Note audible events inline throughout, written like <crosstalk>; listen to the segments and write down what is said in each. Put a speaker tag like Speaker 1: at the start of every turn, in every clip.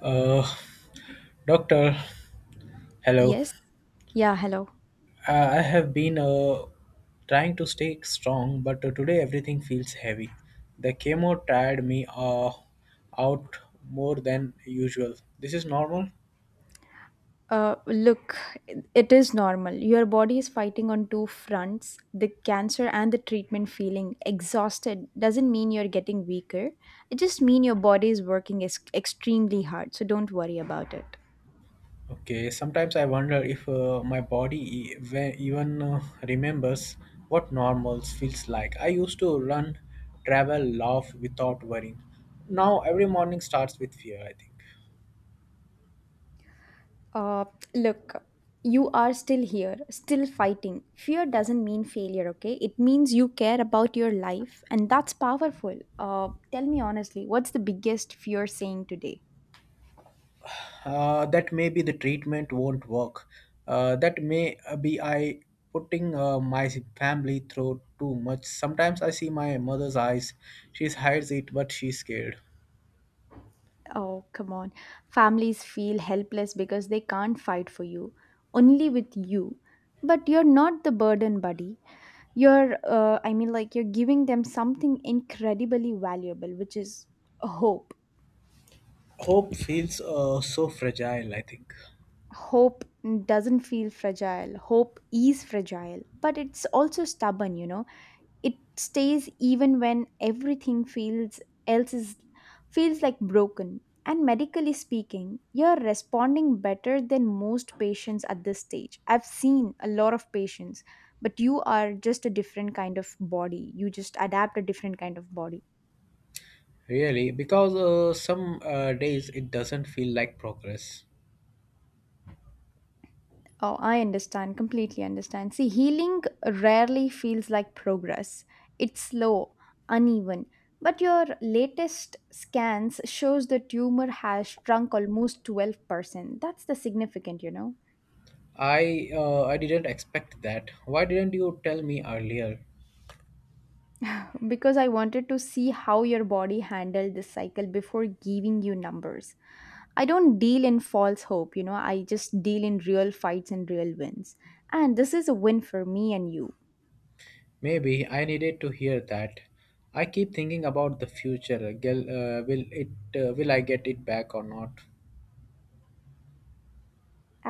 Speaker 1: Uh, Doctor, hello.
Speaker 2: Yes. Yeah, hello.
Speaker 1: Uh, I have been trying to stay strong, but today everything feels heavy. The chemo tired me out more than usual. This is normal?
Speaker 2: Uh, look, it is normal. Your body is fighting on two fronts, the cancer and the treatment. Feeling exhausted doesn't mean you're getting weaker. It just means your body is working extremely hard. So don't worry about it.
Speaker 1: Okay, sometimes I wonder if my body even remembers what normals feels like. I used to run, travel, laugh without worrying. Now every morning starts with fear, I think.
Speaker 2: Uh, Look, you are still here, still fighting. Fear doesn't mean failure, okay? It means you care about your life, and that's powerful. Tell me honestly, what's the biggest fear saying today?
Speaker 1: That maybe the treatment won't work. That may be I putting my family through too much. Sometimes I see my mother's eyes. She hides it, but she's scared.
Speaker 2: Oh, come on. Families feel helpless because they can't fight for you, only with you. But you're not the burden, buddy. You're, I mean, like, you're giving them something incredibly valuable, which is hope.
Speaker 1: Hope feels so fragile, I think.
Speaker 2: Hope doesn't feel fragile. Hope is fragile, but it's also stubborn, you know. It stays even when everything feels else is feels like broken. And medically speaking, you're responding better than most patients at this stage. I've seen a lot of patients, but you are just a different kind of body. You just adapt, a different kind of body.
Speaker 1: Really? Because some days it doesn't feel like progress.
Speaker 2: Oh, I understand, completely understand. See, healing rarely feels like progress. It's slow, uneven. But your latest scans shows the tumor has shrunk almost 12%. That's the significant, you know.
Speaker 1: I didn't expect that. Why didn't you tell me earlier?
Speaker 2: Because I wanted to see how your body handled this cycle before giving you numbers. I don't deal in false hope, you know. I just deal in real fights and real wins. And this is a win for me and you.
Speaker 1: Maybe I needed to hear that. I keep thinking about the future. Girl, will it? Will I get it back or not?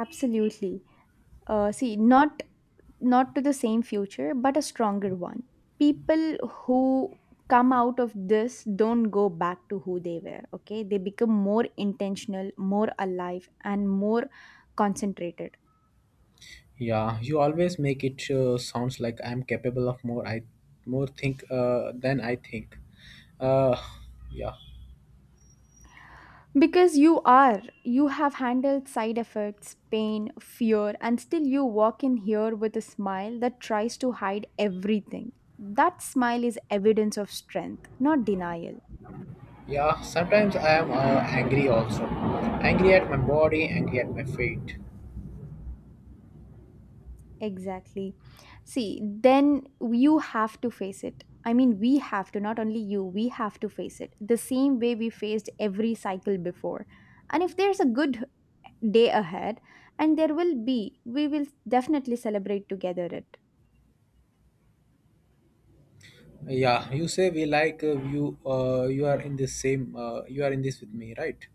Speaker 2: Absolutely. See, not to the same future, but a stronger one. People who come out of this don't go back to who they were, okay? They become more intentional, more alive, and more concentrated.
Speaker 1: Yeah, you always make it sounds like I'm capable of more. I more think than I think. Uh, yeah,
Speaker 2: Because you are, you have handled side effects, pain, fear, and still you walk in here with a smile that tries to hide everything. That smile is evidence of strength, not denial.
Speaker 1: yeah. Sometimes I am angry also. Angry at my body. Angry at my fate.
Speaker 2: Exactly. See, then you have to face it. I mean, we have to, not only you, we have to face it the same way we faced every cycle before. And if there's a good day ahead, and there will be, we will definitely celebrate together it.
Speaker 1: Yeah, you say we like you. You are in this same. You are in this with me, right?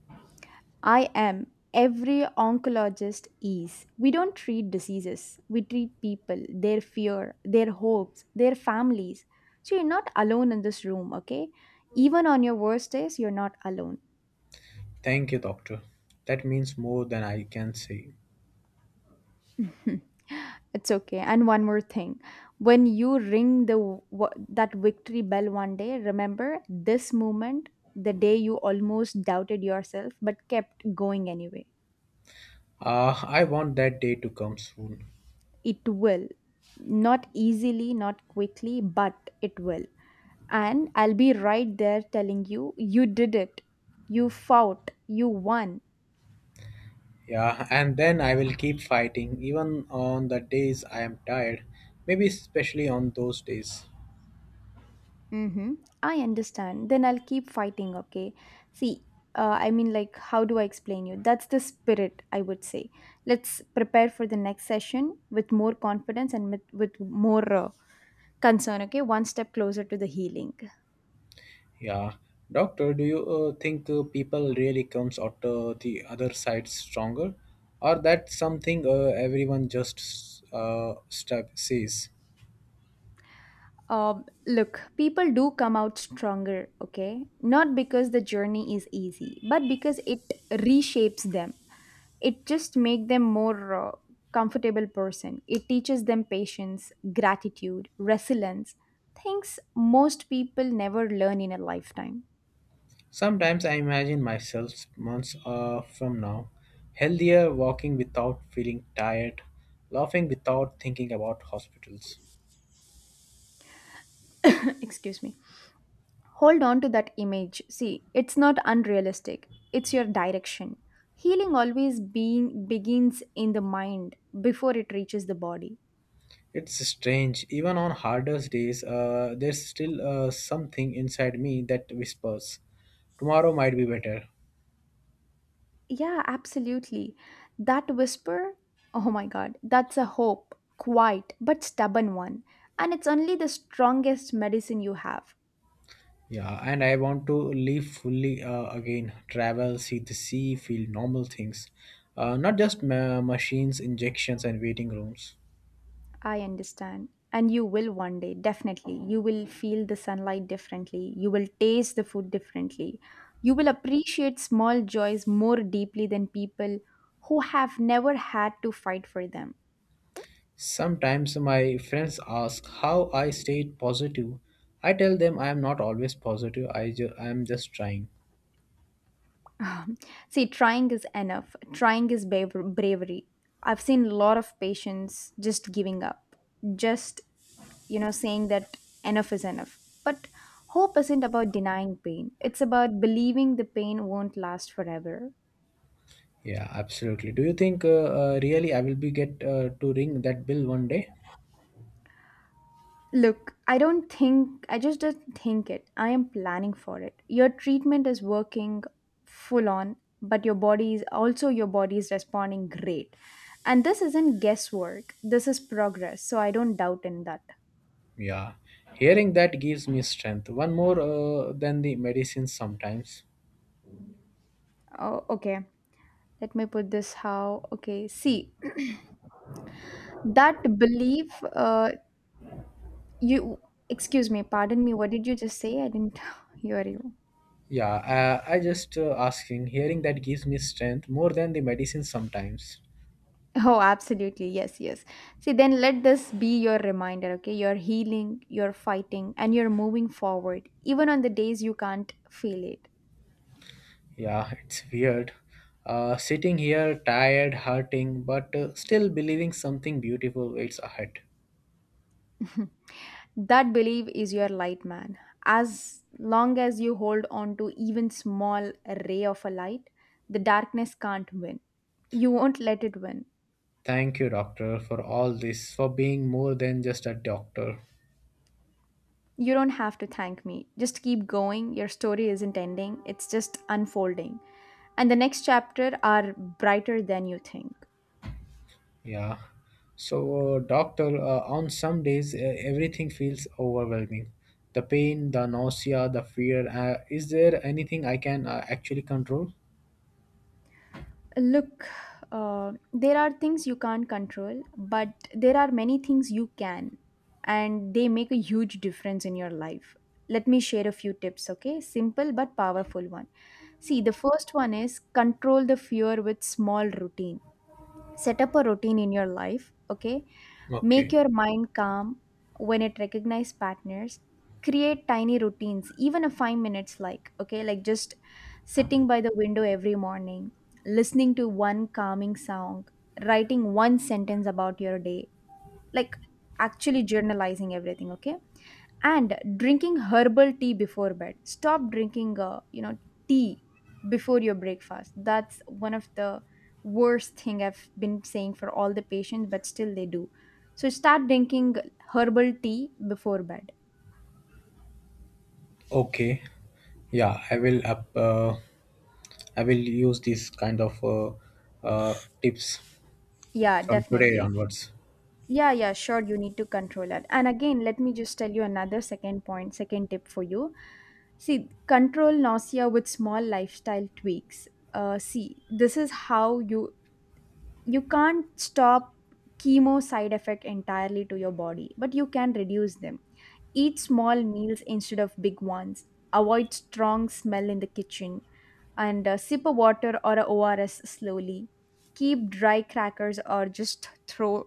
Speaker 2: I am, every oncologist is. We don't treat diseases, we treat people, their fear, their hopes, their families. So you're not alone in this room, okay? Even on your worst days, you're not alone.
Speaker 1: Thank you, doctor. That means more than I can say.
Speaker 2: <laughs> Mhm. It's okay. And one more thing. When you ring the that victory bell one day, remember this moment, the day you almost doubted yourself but kept going anyway.
Speaker 1: I want that day to come soon.
Speaker 2: It will. Not easily, not quickly, but it will. And I'll be right there telling you, you did it. You fought. You won.
Speaker 1: Yeah, and then I will keep fighting even on the days I am tired, maybe especially on those days.
Speaker 2: Mm-hmm. I understand. Then I'll keep fighting, okay? See, I mean, like, how do I explain you? That's the spirit, I would say. Let's prepare for the next session with more confidence, and with, more concern, okay? One step closer to the healing.
Speaker 1: Yeah. Doctor, do you think people really comes out the other side stronger, or that something everyone just step sees?
Speaker 2: Look, people do come out stronger, okay? Not because the journey is easy, but because it reshapes them. It just make them more comfortable person. It teaches them patience, gratitude, resilience, things most people never learn in a lifetime.
Speaker 1: Sometimes I imagine myself months from now, healthier, walking without feeling tired, laughing without thinking about hospitals.
Speaker 2: <laughs> Excuse me, hold on to that image. See, it's not unrealistic, it's your direction. Healing always being begins in the mind before it reaches the body.
Speaker 1: It's strange, even on hardest days, there's still something inside me that whispers, tomorrow might be better.
Speaker 2: Yeah, absolutely. That whisper, oh my god, that's a hope, quiet but stubborn one. And it's only the strongest medicine you have.
Speaker 1: Yeah, and I want to live fully again, travel, see the sea, feel normal things, not just machines, injections, and waiting rooms.
Speaker 2: I understand. And you will one day, definitely. You will feel the sunlight differently. You will taste the food differently. You will appreciate small joys more deeply than people who have never had to fight for them.
Speaker 1: Sometimes my friends ask how I stayed positive. I tell them I am not always positive, I am just trying.
Speaker 2: <laughs> Um, see, trying is enough. Trying is bravery. I've seen a lot of patients just giving up, just, you know, saying that enough is enough. But hope isn't about denying pain, it's about believing the pain won't last forever.
Speaker 1: Yeah, absolutely. Do you think really I will be get to ring that bill one day?
Speaker 2: Look, I don't think, I just don't think it. I am planning for it. Your treatment is working full on, but your body is also, your body is responding great. And this isn't guesswork, this is progress. So I don't doubt in that.
Speaker 1: Yeah, hearing that gives me strength. One more than the medicine sometimes.
Speaker 2: Oh, okay. Let me put this how, okay. See, <clears throat> that belief, you, excuse me, pardon me, what did you just say? I didn't <laughs> hear you.
Speaker 1: Yeah, I just asking. Hearing that gives me strength more than the medicine sometimes.
Speaker 2: Oh, absolutely. Yes, yes. See, then let this be your reminder, okay? You're healing, you're fighting, and you're moving forward, even on the days you can't feel it.
Speaker 1: Yeah, <laughs> it's weird. Sitting here tired, hurting, but still believing something beautiful waits ahead.
Speaker 2: That belief is your light, man. As long as you hold on to even small ray of a light, the darkness can't win. You won't let it win.
Speaker 1: Thank you, doctor, for all this, for being more than just a doctor.
Speaker 2: You don't have to thank me. Just keep going. Your story isn't ending, it's just unfolding. And the next chapter are brighter than you think.
Speaker 1: Yeah. So, doctor, on some days everything feels overwhelming. The pain, the nausea, the fear. Is there anything I can actually control?
Speaker 2: Look, there are things you can't control, but there are many things you can, and they make a huge difference in your life. Let me share a few tips, okay? Simple but powerful one. See, the first one is control the fear with small routine. Set up a routine in your life, okay? Make
Speaker 1: Okay.
Speaker 2: your mind calm when it recognizes partners. Create tiny routines, even a 5 minutes, like, okay, like just sitting by the window every morning, listening to one calming song, writing one sentence about your day, like actually journalizing everything, okay? And drinking herbal tea before bed. Stop drinking, uh, you know, tea before your breakfast. That's one of the worst thing I've been saying for all the patients, but still they do. So start drinking herbal tea before bed.
Speaker 1: Okay. Yeah, I will use this kind of uh, tips
Speaker 2: Yeah,
Speaker 1: from today
Speaker 2: definitely.
Speaker 1: onwards.
Speaker 2: Yeah, yeah, sure. You need to control that. And again, let me just tell you another second point, second tip for you. See, control nausea with small lifestyle tweaks. See, this is how you, you can't stop chemo side effect entirely to your body, but you can reduce them. Eat small meals instead of big ones. Avoid strong smell in the kitchen. And sip a water or a ors slowly. Keep dry crackers or just throw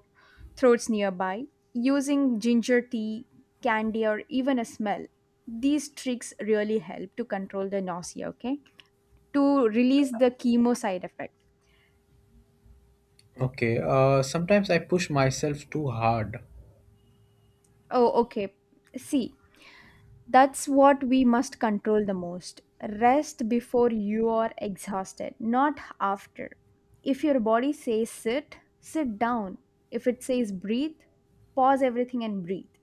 Speaker 2: throats nearby. Using ginger tea, candy, or even a smell, these tricks really help to control the nausea, okay, to release the chemo side effect.
Speaker 1: Okay. Sometimes I push myself too hard.
Speaker 2: Oh, okay. See, that's what we must control the most. Rest before you are exhausted, not after. If your body says sit, sit down. If it says breathe, pause everything and breathe.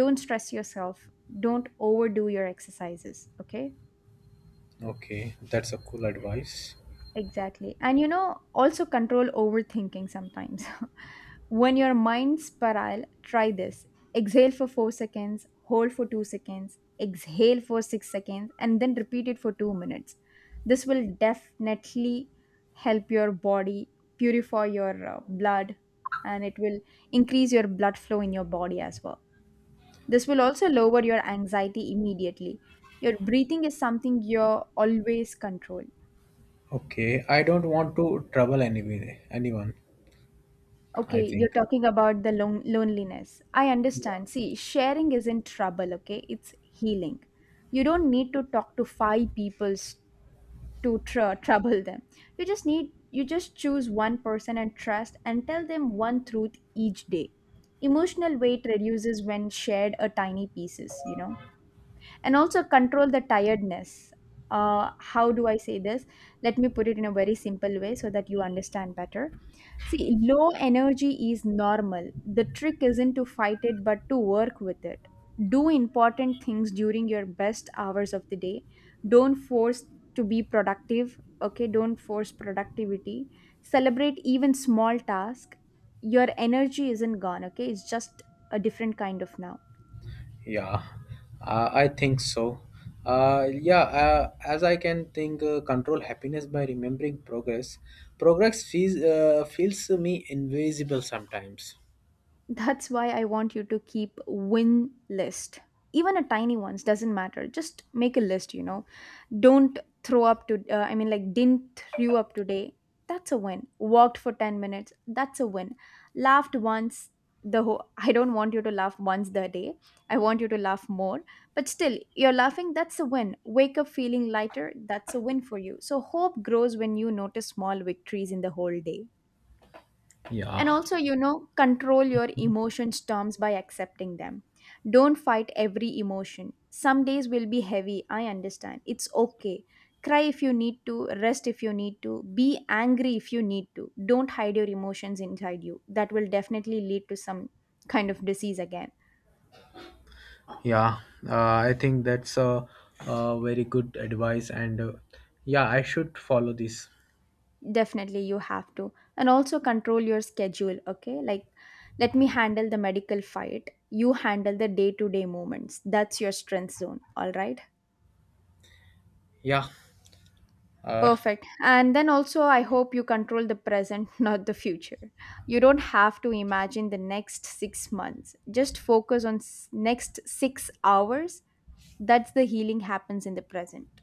Speaker 2: Don't stress yourself. Don't overdo your exercises, okay?
Speaker 1: Okay, that's a cool advice.
Speaker 2: Exactly. And you know, also control overthinking sometimes. <laughs> When your mind's spiral, try this. Exhale for 4 seconds, hold for 2 seconds, exhale for 6 seconds, and then repeat it for 2 minutes. This will definitely help your body purify your blood, and it will increase your blood flow in your body as well. This will also lower your anxiety immediately. Your breathing is something you always control.
Speaker 1: Okay, I don't want to trouble anyone. Anyone, I
Speaker 2: Okay, you're
Speaker 1: think.
Speaker 2: talking about the loneliness. I understand. See, sharing isn't trouble, okay? It's healing. You don't need to talk to five people to trouble them. You just choose one person and trust and tell them one truth each day. Emotional weight reduces when shared a tiny pieces, you know. And also control the tiredness. How do I say this? Let me put it in a very simple way so that you understand better. See, low energy is normal. The trick isn't to fight it, but to work with it. Do important things during your best hours of the day. Don't force to be productive, okay? Don't force productivity. Celebrate even small tasks. Your energy isn't gone, okay, it's just a different kind of now.
Speaker 1: Yeah, I think so. Yeah, as I can think, control happiness by remembering progress. Progress feels to me invisible sometimes.
Speaker 2: That's why I want you to keep win list. Even a tiny ones doesn't matter. Just make a list, you know. Don't throw up to I mean, like, didn't throw up today. That's a win. Walked for 10 minutes. That's a win. Laughed once the whole <laughs> I don't want you to laugh once the day. I want you to laugh more. But still, you're laughing, that's a win. Wake up feeling lighter, that's a win for you. So hope grows when you notice small victories in the whole day. And
Speaker 1: Yeah,
Speaker 2: also, you know, control your emotion storms by accepting them. Don't fight every emotion. Some days will be heavy, I understand. It's okay. Cry if you need to, rest if you need to, be angry if you need to. Don't hide your emotions inside you. That will definitely lead to some kind of disease again.
Speaker 1: yeah. Uh, I think that's a very good advice, and yeah, I should follow this.
Speaker 2: Definitely, you have to. And also, control your schedule, okay? Like, let me handle the medical fight. You handle the day to day moments. That's your strength zone, all right?
Speaker 1: Yeah. Uh,
Speaker 2: Perfect. And then also, I hope you control the present, <laughs> not the future. You don't have to imagine the next 6 months. Just focus on next 6 hours. That's the healing happens in the present.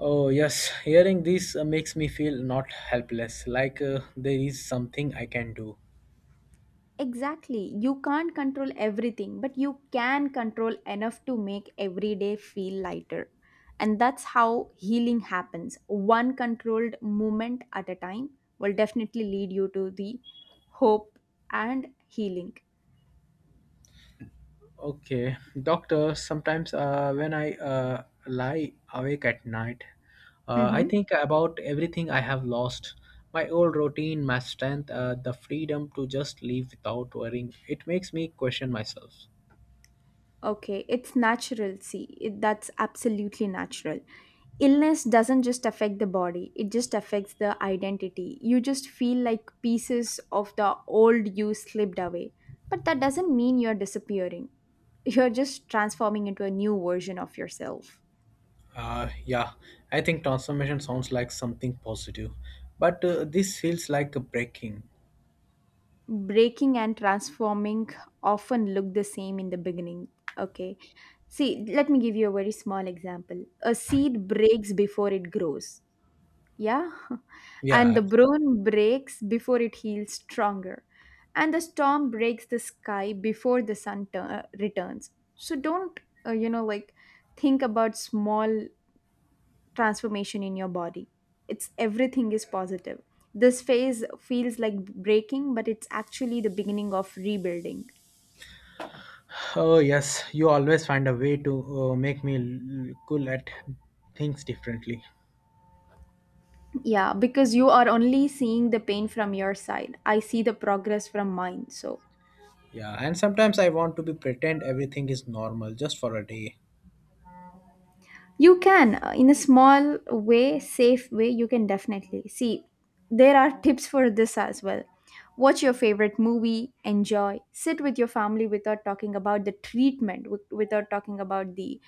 Speaker 1: oh yes, hearing this makes me feel not helpless. Like there is something I can do.
Speaker 2: Exactly. You can't control everything, but you can control enough to make every day feel lighter. And that's how healing happens. One controlled moment at a time will definitely lead you to the hope and healing.
Speaker 1: Okay, doctor, sometimes when I lie awake at night, I
Speaker 2: Mhm.
Speaker 1: think about everything I have lost, my old routine, my strength, the freedom to just live without worrying. It makes me question myself.
Speaker 2: Okay, it's natural. See, that's absolutely natural. Illness doesn't just affect the body, it just affects the identity. You just feel like pieces of the old you slipped away. But that doesn't mean you're disappearing, <laughs> you're just transforming into a new version of yourself.
Speaker 1: Yeah, I think transformation sounds like something positive, but this feels like a breaking.
Speaker 2: Breaking and transforming often look the same in the beginning. Okay, see, let me give you a very small example. A seed breaks before it grows. Yeah, <laughs> and
Speaker 1: Yeah.
Speaker 2: the brown breaks before it heals stronger, and the storm breaks the sky before the sun returns. So don't, like think about small transformation in your body. It's everything is positive. This phase feels like breaking, but it's actually the beginning of rebuilding.
Speaker 1: Oh, yes, you always find a way to make me cool at things differently.
Speaker 2: Yeah, because you are only seeing the pain from your side. I see the progress from mine. So
Speaker 1: Yeah, and sometimes I want to be pretend everything is normal just for a day.
Speaker 2: you can, in a small way, safe way, you can definitely. See, there are tips for this as well. Watch your favorite movie, enjoy, sit with your family without talking about the treatment, without talking about the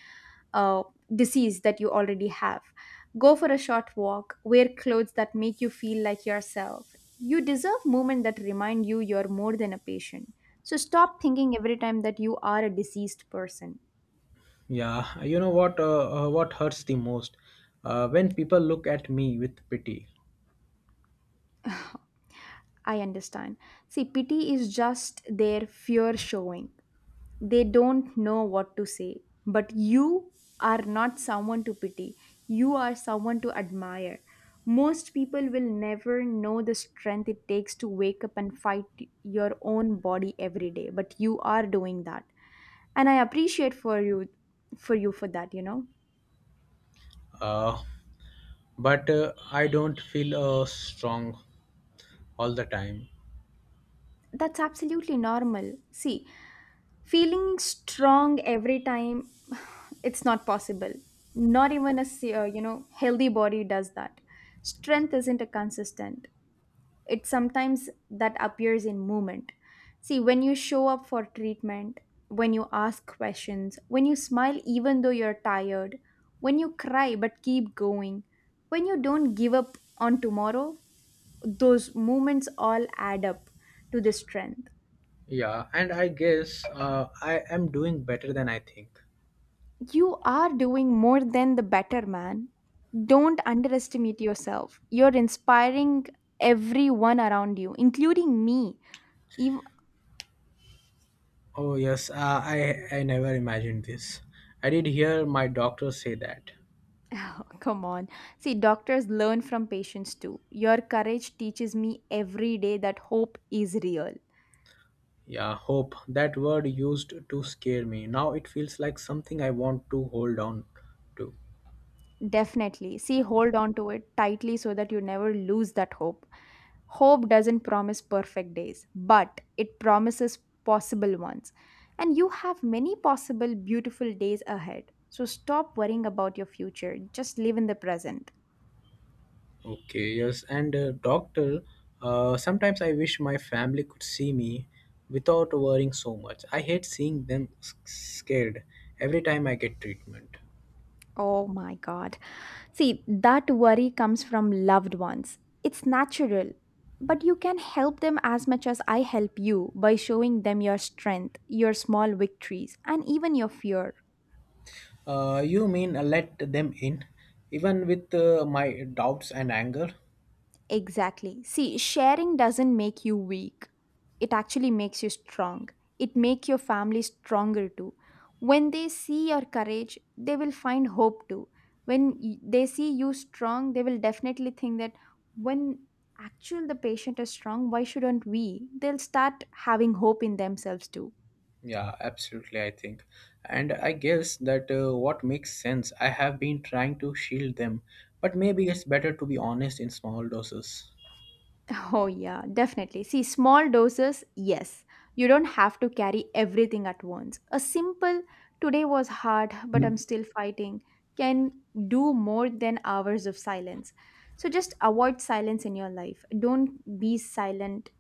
Speaker 2: uh, disease that you already have. Go for a short walk, wear clothes that make you feel like yourself. You deserve moments that remind you you're more than a patient. So stop thinking every time that you are a diseased person.
Speaker 1: Yeah, you know what? What hurts the most? When people look at me with pity.
Speaker 2: I understand. See, pity is just their fear showing. They don't know what to say. But you are not someone to pity, you are someone to admire. Most people will never know the strength it takes to wake up and fight your own body every day, but you are doing that. And I appreciate for you for that.
Speaker 1: Uh, but I don't feel strong all the time.
Speaker 2: That's absolutely normal. See, feeling strong every time <sighs> it's not possible, not even a healthy body does that. Strength isn't a consistent, it sometimes that appears in movement. See, when you show up for treatment, when you ask questions, when you smile even though you're tired, when you cry but keep going, when you don't give up on tomorrow, those moments all add up to the strength.
Speaker 1: Yeah, and I guess I am doing better than I think.
Speaker 2: You are doing more than the better man. Don't underestimate yourself. You're inspiring everyone around you, including me. Even,
Speaker 1: Oh yes, I never imagined this. I did hear my doctor say that.
Speaker 2: <laughs> oh, come on. See, doctors learn from patients too. Your courage teaches me every day that hope is real.
Speaker 1: Yeah, hope. That word used to scare me. Now it feels like something I want to hold on to.
Speaker 2: Definitely. See, hold on to it tightly so that you never lose that hope. Hope doesn't promise perfect days, but it promises possible ones. And you have many possible beautiful days ahead. So stop worrying about your future. Just live in the present.
Speaker 1: Okay, yes. And doctor, sometimes I wish my family could see me without worrying so much. I hate seeing them scared every time I get treatment.
Speaker 2: Oh my God. See, that worry comes from loved ones. It's natural. But you can help them as much as I help you by showing them your strength, your small victories, and even your fear.
Speaker 1: You mean let them in, even with my doubts and anger?
Speaker 2: Exactly. See, sharing doesn't make you weak. It actually makes you strong. It makes your family stronger too. When they see your courage, they will find hope too. When they see you strong, they will definitely think that when actual the patient is strong, why shouldn't we? They'll start having hope in themselves too.
Speaker 1: Yeah, absolutely, I think. And I guess that what makes sense, I have been trying to shield them, but maybe it's better to be honest in small doses.
Speaker 2: Oh, yeah, definitely. See, small doses, yes. You don't have to carry everything at once. A simple, today was hard, but I'm still fighting, can do more than hours of silence. So just avoid silence in your life. Don't be silent.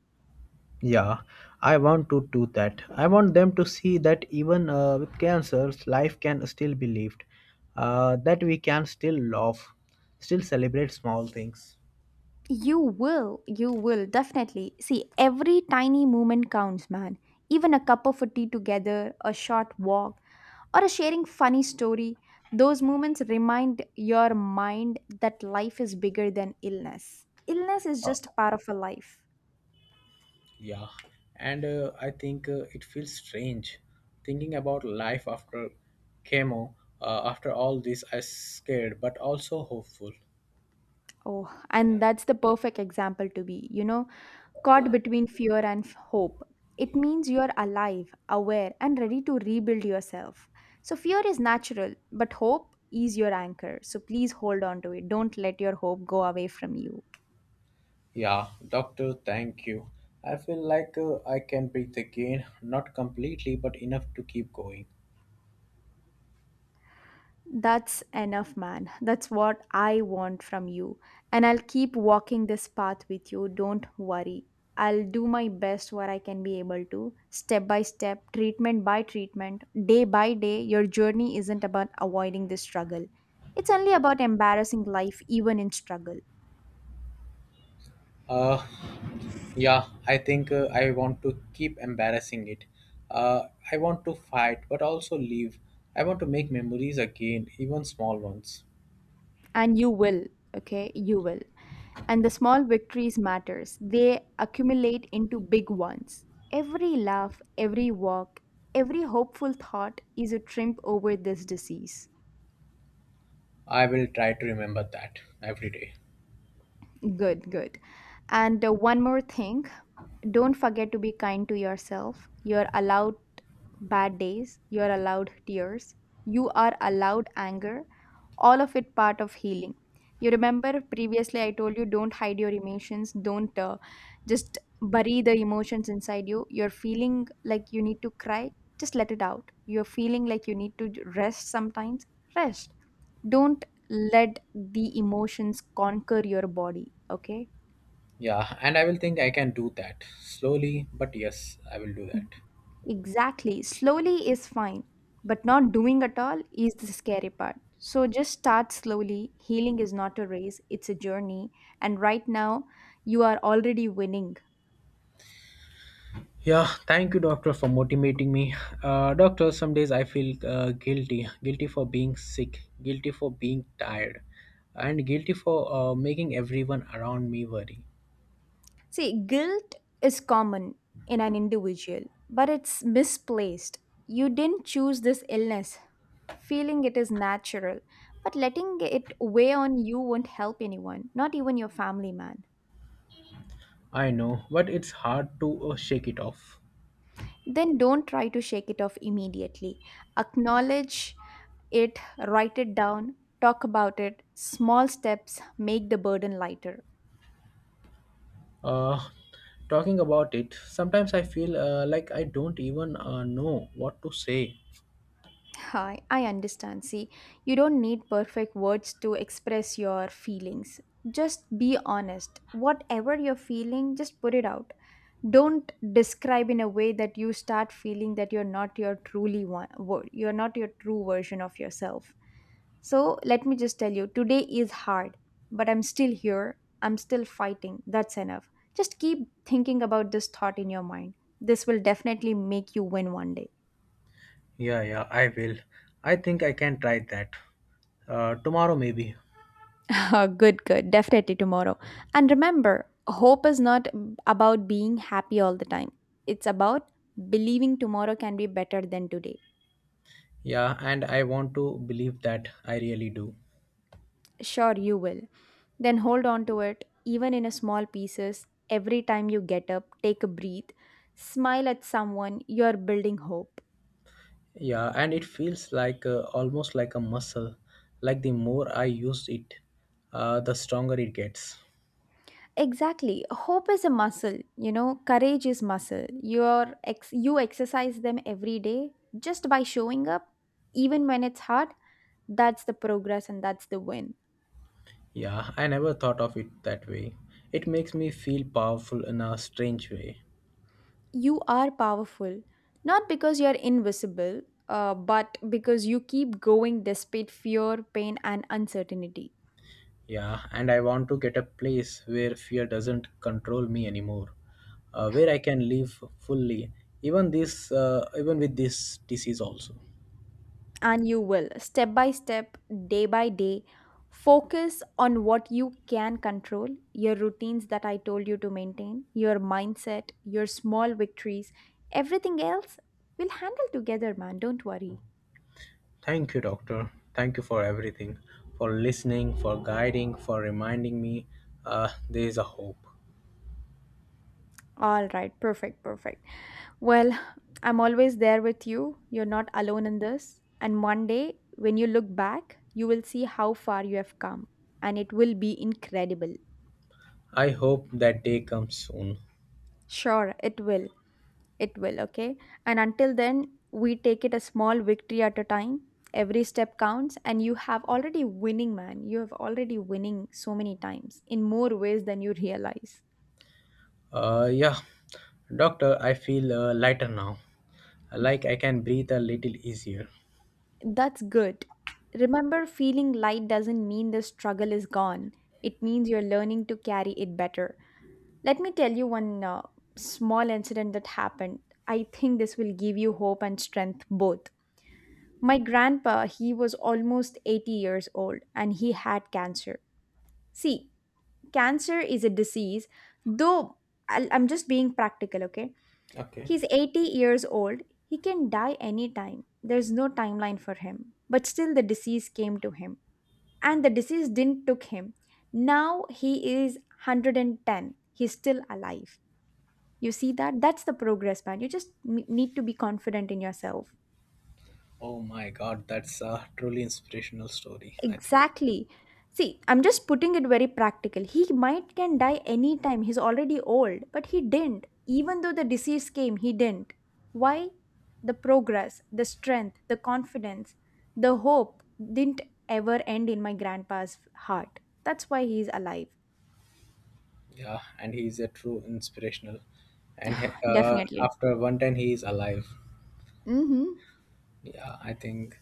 Speaker 1: Yeah, I want to do that. I want them to see that even with cancer, life can still be lived, that we can still love, still celebrate small things.
Speaker 2: You will definitely. See, every tiny moment counts, man. Even a cup of tea together, a short walk, or a sharing funny story, those moments remind your mind that life is bigger than illness. Illness is just part of a life.
Speaker 1: Yeah, and I think it feels strange thinking about life after chemo. After all this, I'm scared but also hopeful.
Speaker 2: Oh, and that's the perfect example to be, you know, caught between fear and hope. It means you're alive, aware, and ready to rebuild yourself. So, fear is natural, but hope is your anchor. So, please hold on to it. Don't let your hope go away from you.
Speaker 1: Yeah, doctor, thank you. I feel like I can breathe again, not completely, but enough to keep going.
Speaker 2: That's enough, man. That's what I want from you. And I'll keep walking this path with you. Don't worry. I'll do my best where I can be able to, step by step, treatment by treatment, day by day. Your journey isn't about avoiding the struggle, it's only about embarrassing life, even in struggle.
Speaker 1: Uh, yeah, I think I want to keep embarrassing it. Uh, I want to fight, but also leave. I want to make memories again, even small ones.
Speaker 2: And you will, okay? You will. And the small victories matters, they accumulate into big ones. Every laugh, every walk, every hopeful thought is a triumph over this disease.
Speaker 1: I will try to remember that every day.
Speaker 2: Good, good. And one more thing, don't forget to be kind to yourself. You're allowed bad days, you're allowed tears, you are allowed anger, all of it part of healing. You remember previously I told you don't hide your emotions, don't just bury the emotions inside you. You're feeling like you need to cry, just let it out. You're feeling like you need to rest sometimes, rest, don't let the emotions conquer your body, okay?
Speaker 1: Yeah, and I will think I can do that slowly, but yes, I will do that.
Speaker 2: Exactly. Slowly is fine, but not doing at all is the scary part. So just start slowly. Healing is not a race, it's a journey. And right now, you are already winning.
Speaker 1: Yeah, thank you, doctor, for motivating me. Doctor, some days I feel guilty, guilty for being sick, guilty for being tired, and guilty for making everyone around me worry.
Speaker 2: See, guilt is common in an individual, but it's misplaced. You didn't choose this illness. Feeling it is natural, but letting it weigh on you won't help anyone, not even your family, man.
Speaker 1: I know, but it's hard to shake it off.
Speaker 2: Then don't try to shake it off immediately. Acknowledge it, write it down, talk about it. Small steps make the burden lighter.
Speaker 1: Uh, Talking about it, sometimes I feel like I don't even know what to say.
Speaker 2: Hi, I understand. See, you don't need perfect words to express your feelings. Just be honest. Whatever you're feeling, just put it out. Don't describe in a way that you start feeling that you're not your truly one, you're not your true version of yourself. So let me just tell you, today is hard, but I'm still here. I'm still fighting. That's enough. Just keep thinking about this thought in your mind. This will definitely make you win one day.
Speaker 1: Yeah, yeah, I will. I think I can try that. Tomorrow, maybe.
Speaker 2: <laughs> Good, good. Definitely tomorrow. And remember, hope is not about being happy all the time, it's about believing tomorrow can be better than today.
Speaker 1: Yeah, and I want to believe that I really do.
Speaker 2: Sure, you will. Then hold on to it, even in a small pieces. Every time you get up, take a breath, smile at someone, you are building hope.
Speaker 1: Yeah, and it feels like almost like a muscle. Like the more I use it, the stronger it gets.
Speaker 2: Exactly. Hope is a muscle, you know, courage is muscle. You exercise them every day just by showing up, even when it's hard. That's the progress and that's the win.
Speaker 1: Yeah, I never thought of it that way. It makes me feel powerful in a strange way.
Speaker 2: You are powerful, not because you're invisible, but because you keep going despite fear, pain, and uncertainty.
Speaker 1: Yeah, and I want to get a place where fear doesn't control me anymore, where I can live fully, even this, even with this disease also.
Speaker 2: And you will, step by step, day by day. Focus on what you can control, your routines that I told you to maintain, your mindset, your small victories. Everything else, we'll handle together, man, don't worry.
Speaker 1: Thank you, Doctor. Thank you for everything, for listening, for guiding, for reminding me there is a hope.
Speaker 2: All right, perfect, perfect. Well, I'm always there with you. You're not alone in this, and one day when you look back, you will see how far you have come, and it will be incredible.
Speaker 1: I hope that day comes soon.
Speaker 2: Sure, it will. It will, okay? And until then, we take it a small victory at a time. Every step counts, and you have already winning, man. You have already winning so many times in more ways than you realize.
Speaker 1: Yeah, Doctor, I feel lighter now. Like I can breathe a little easier.
Speaker 2: That's good. Remember, feeling light doesn't mean the struggle is gone, it means you're learning to carry it better. Let me tell you one small incident that happened. I think this will give you hope and strength both. My grandpa, he was almost 80 years old and he had cancer. See, cancer is a disease, though I'm just being practical, okay?
Speaker 1: Okay.
Speaker 2: He's 80 years old. He can die anytime. There's no timeline for him. But still, the disease came to him. And the disease didn't took him. Now he is 110. He's still alive. You see that? That's the progress, man. You just need to be confident in yourself.
Speaker 1: Oh my God, that's a truly inspirational story, I think.
Speaker 2: Exactly. See, I'm just putting it very practical. He might can die anytime. He's already old, but he didn't. Even though the disease came, he didn't. Why? The progress, the strength, the confidence, the hope didn't ever end in my grandpa's heart. That's why he's alive.
Speaker 1: Yeah, and he's a true inspirational. And
Speaker 2: Definitely.
Speaker 1: after one time, he is alive.
Speaker 2: Mm-hmm.
Speaker 1: Yeah, I think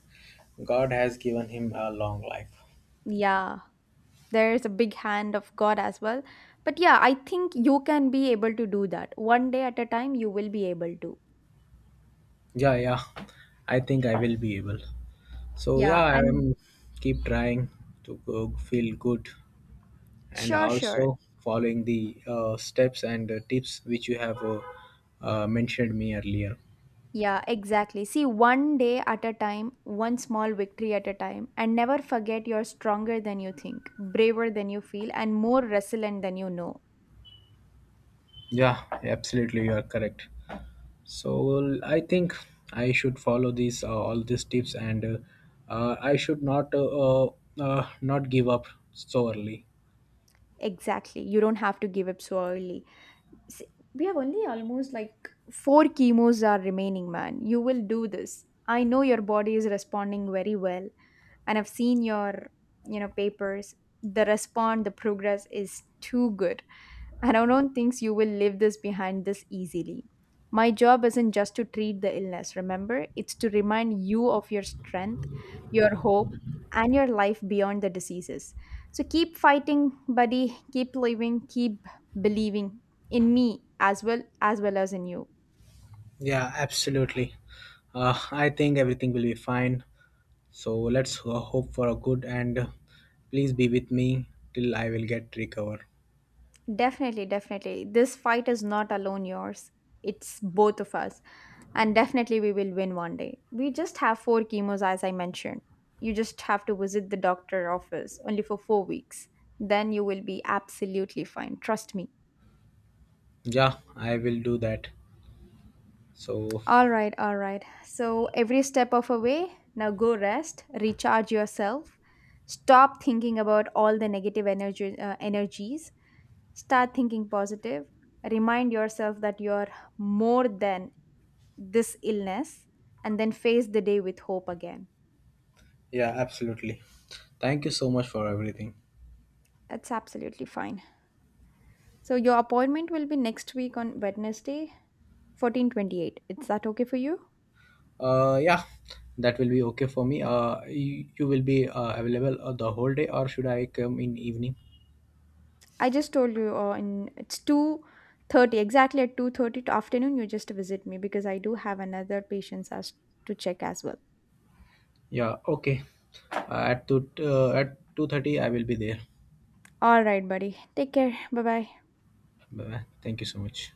Speaker 1: God has given him a long life.
Speaker 2: Yeah. There's a big hand of God as well. But yeah, I think you can be able to do that. One day at a time, you will be able to.
Speaker 1: Yeah, yeah. I think I will be able. So
Speaker 2: Yeah.
Speaker 1: yeah, I
Speaker 2: And
Speaker 1: am keep trying to go, feel good and
Speaker 2: sure, sure.
Speaker 1: also following the steps and tips which you have mentioned me earlier.
Speaker 2: Yeah, exactly. See, one day at a time, one small victory at a time, and never forget you're stronger than you think, braver than you feel, and more resilient than you know.
Speaker 1: Yeah, absolutely, you are correct. So well, I think I should follow these all these tips and I should not not give up so early.
Speaker 2: Exactly. You don't have to give up so early. See, we have only almost like four chemos are remaining, man. You will do this. I know your body is responding very well. And I've seen your, you know, papers. The response, the progress is too good, and I don't think you will leave this behind this easily. My job isn't just to treat the illness, remember? It's to remind you of your strength, your hope, and your life beyond the diseases. So keep fighting, buddy. Keep living. Keep believing in me as well as well as in you.
Speaker 1: Yeah, absolutely. I think everything will be fine. So let's hope for a good and please be with me till I will get recover.
Speaker 2: Definitely, definitely. This fight is not alone yours. It's both of us. And definitely we will win one day. We just have four chemos as I mentioned. You just have to visit the doctor office only for four weeks. Then you will be absolutely fine. Trust me.
Speaker 1: Yeah, I will do that. So
Speaker 2: All right, all right. So every step of a way, now go rest, recharge yourself. Stop thinking about all the negative energy energies. Start thinking positive. Remind yourself that you're more than this illness and then face the day with hope again.
Speaker 1: yeah, absolutely. Thank you so much for everything.
Speaker 2: That's absolutely fine. So your appointment will be next week on Wednesday, 1428. Is that okay for you?
Speaker 1: Yeah, that will be okay for me. You will be available the whole day, or should I come in evening?
Speaker 2: I just told you in it's 2:30, exactly at 2:30 to afternoon you just visit me because I do have another patients as to check as well.
Speaker 1: Yeah, okay. At 2:30, I will be there.
Speaker 2: All right, buddy. Take care. Bye-bye.
Speaker 1: Bye bye. Thank you so much.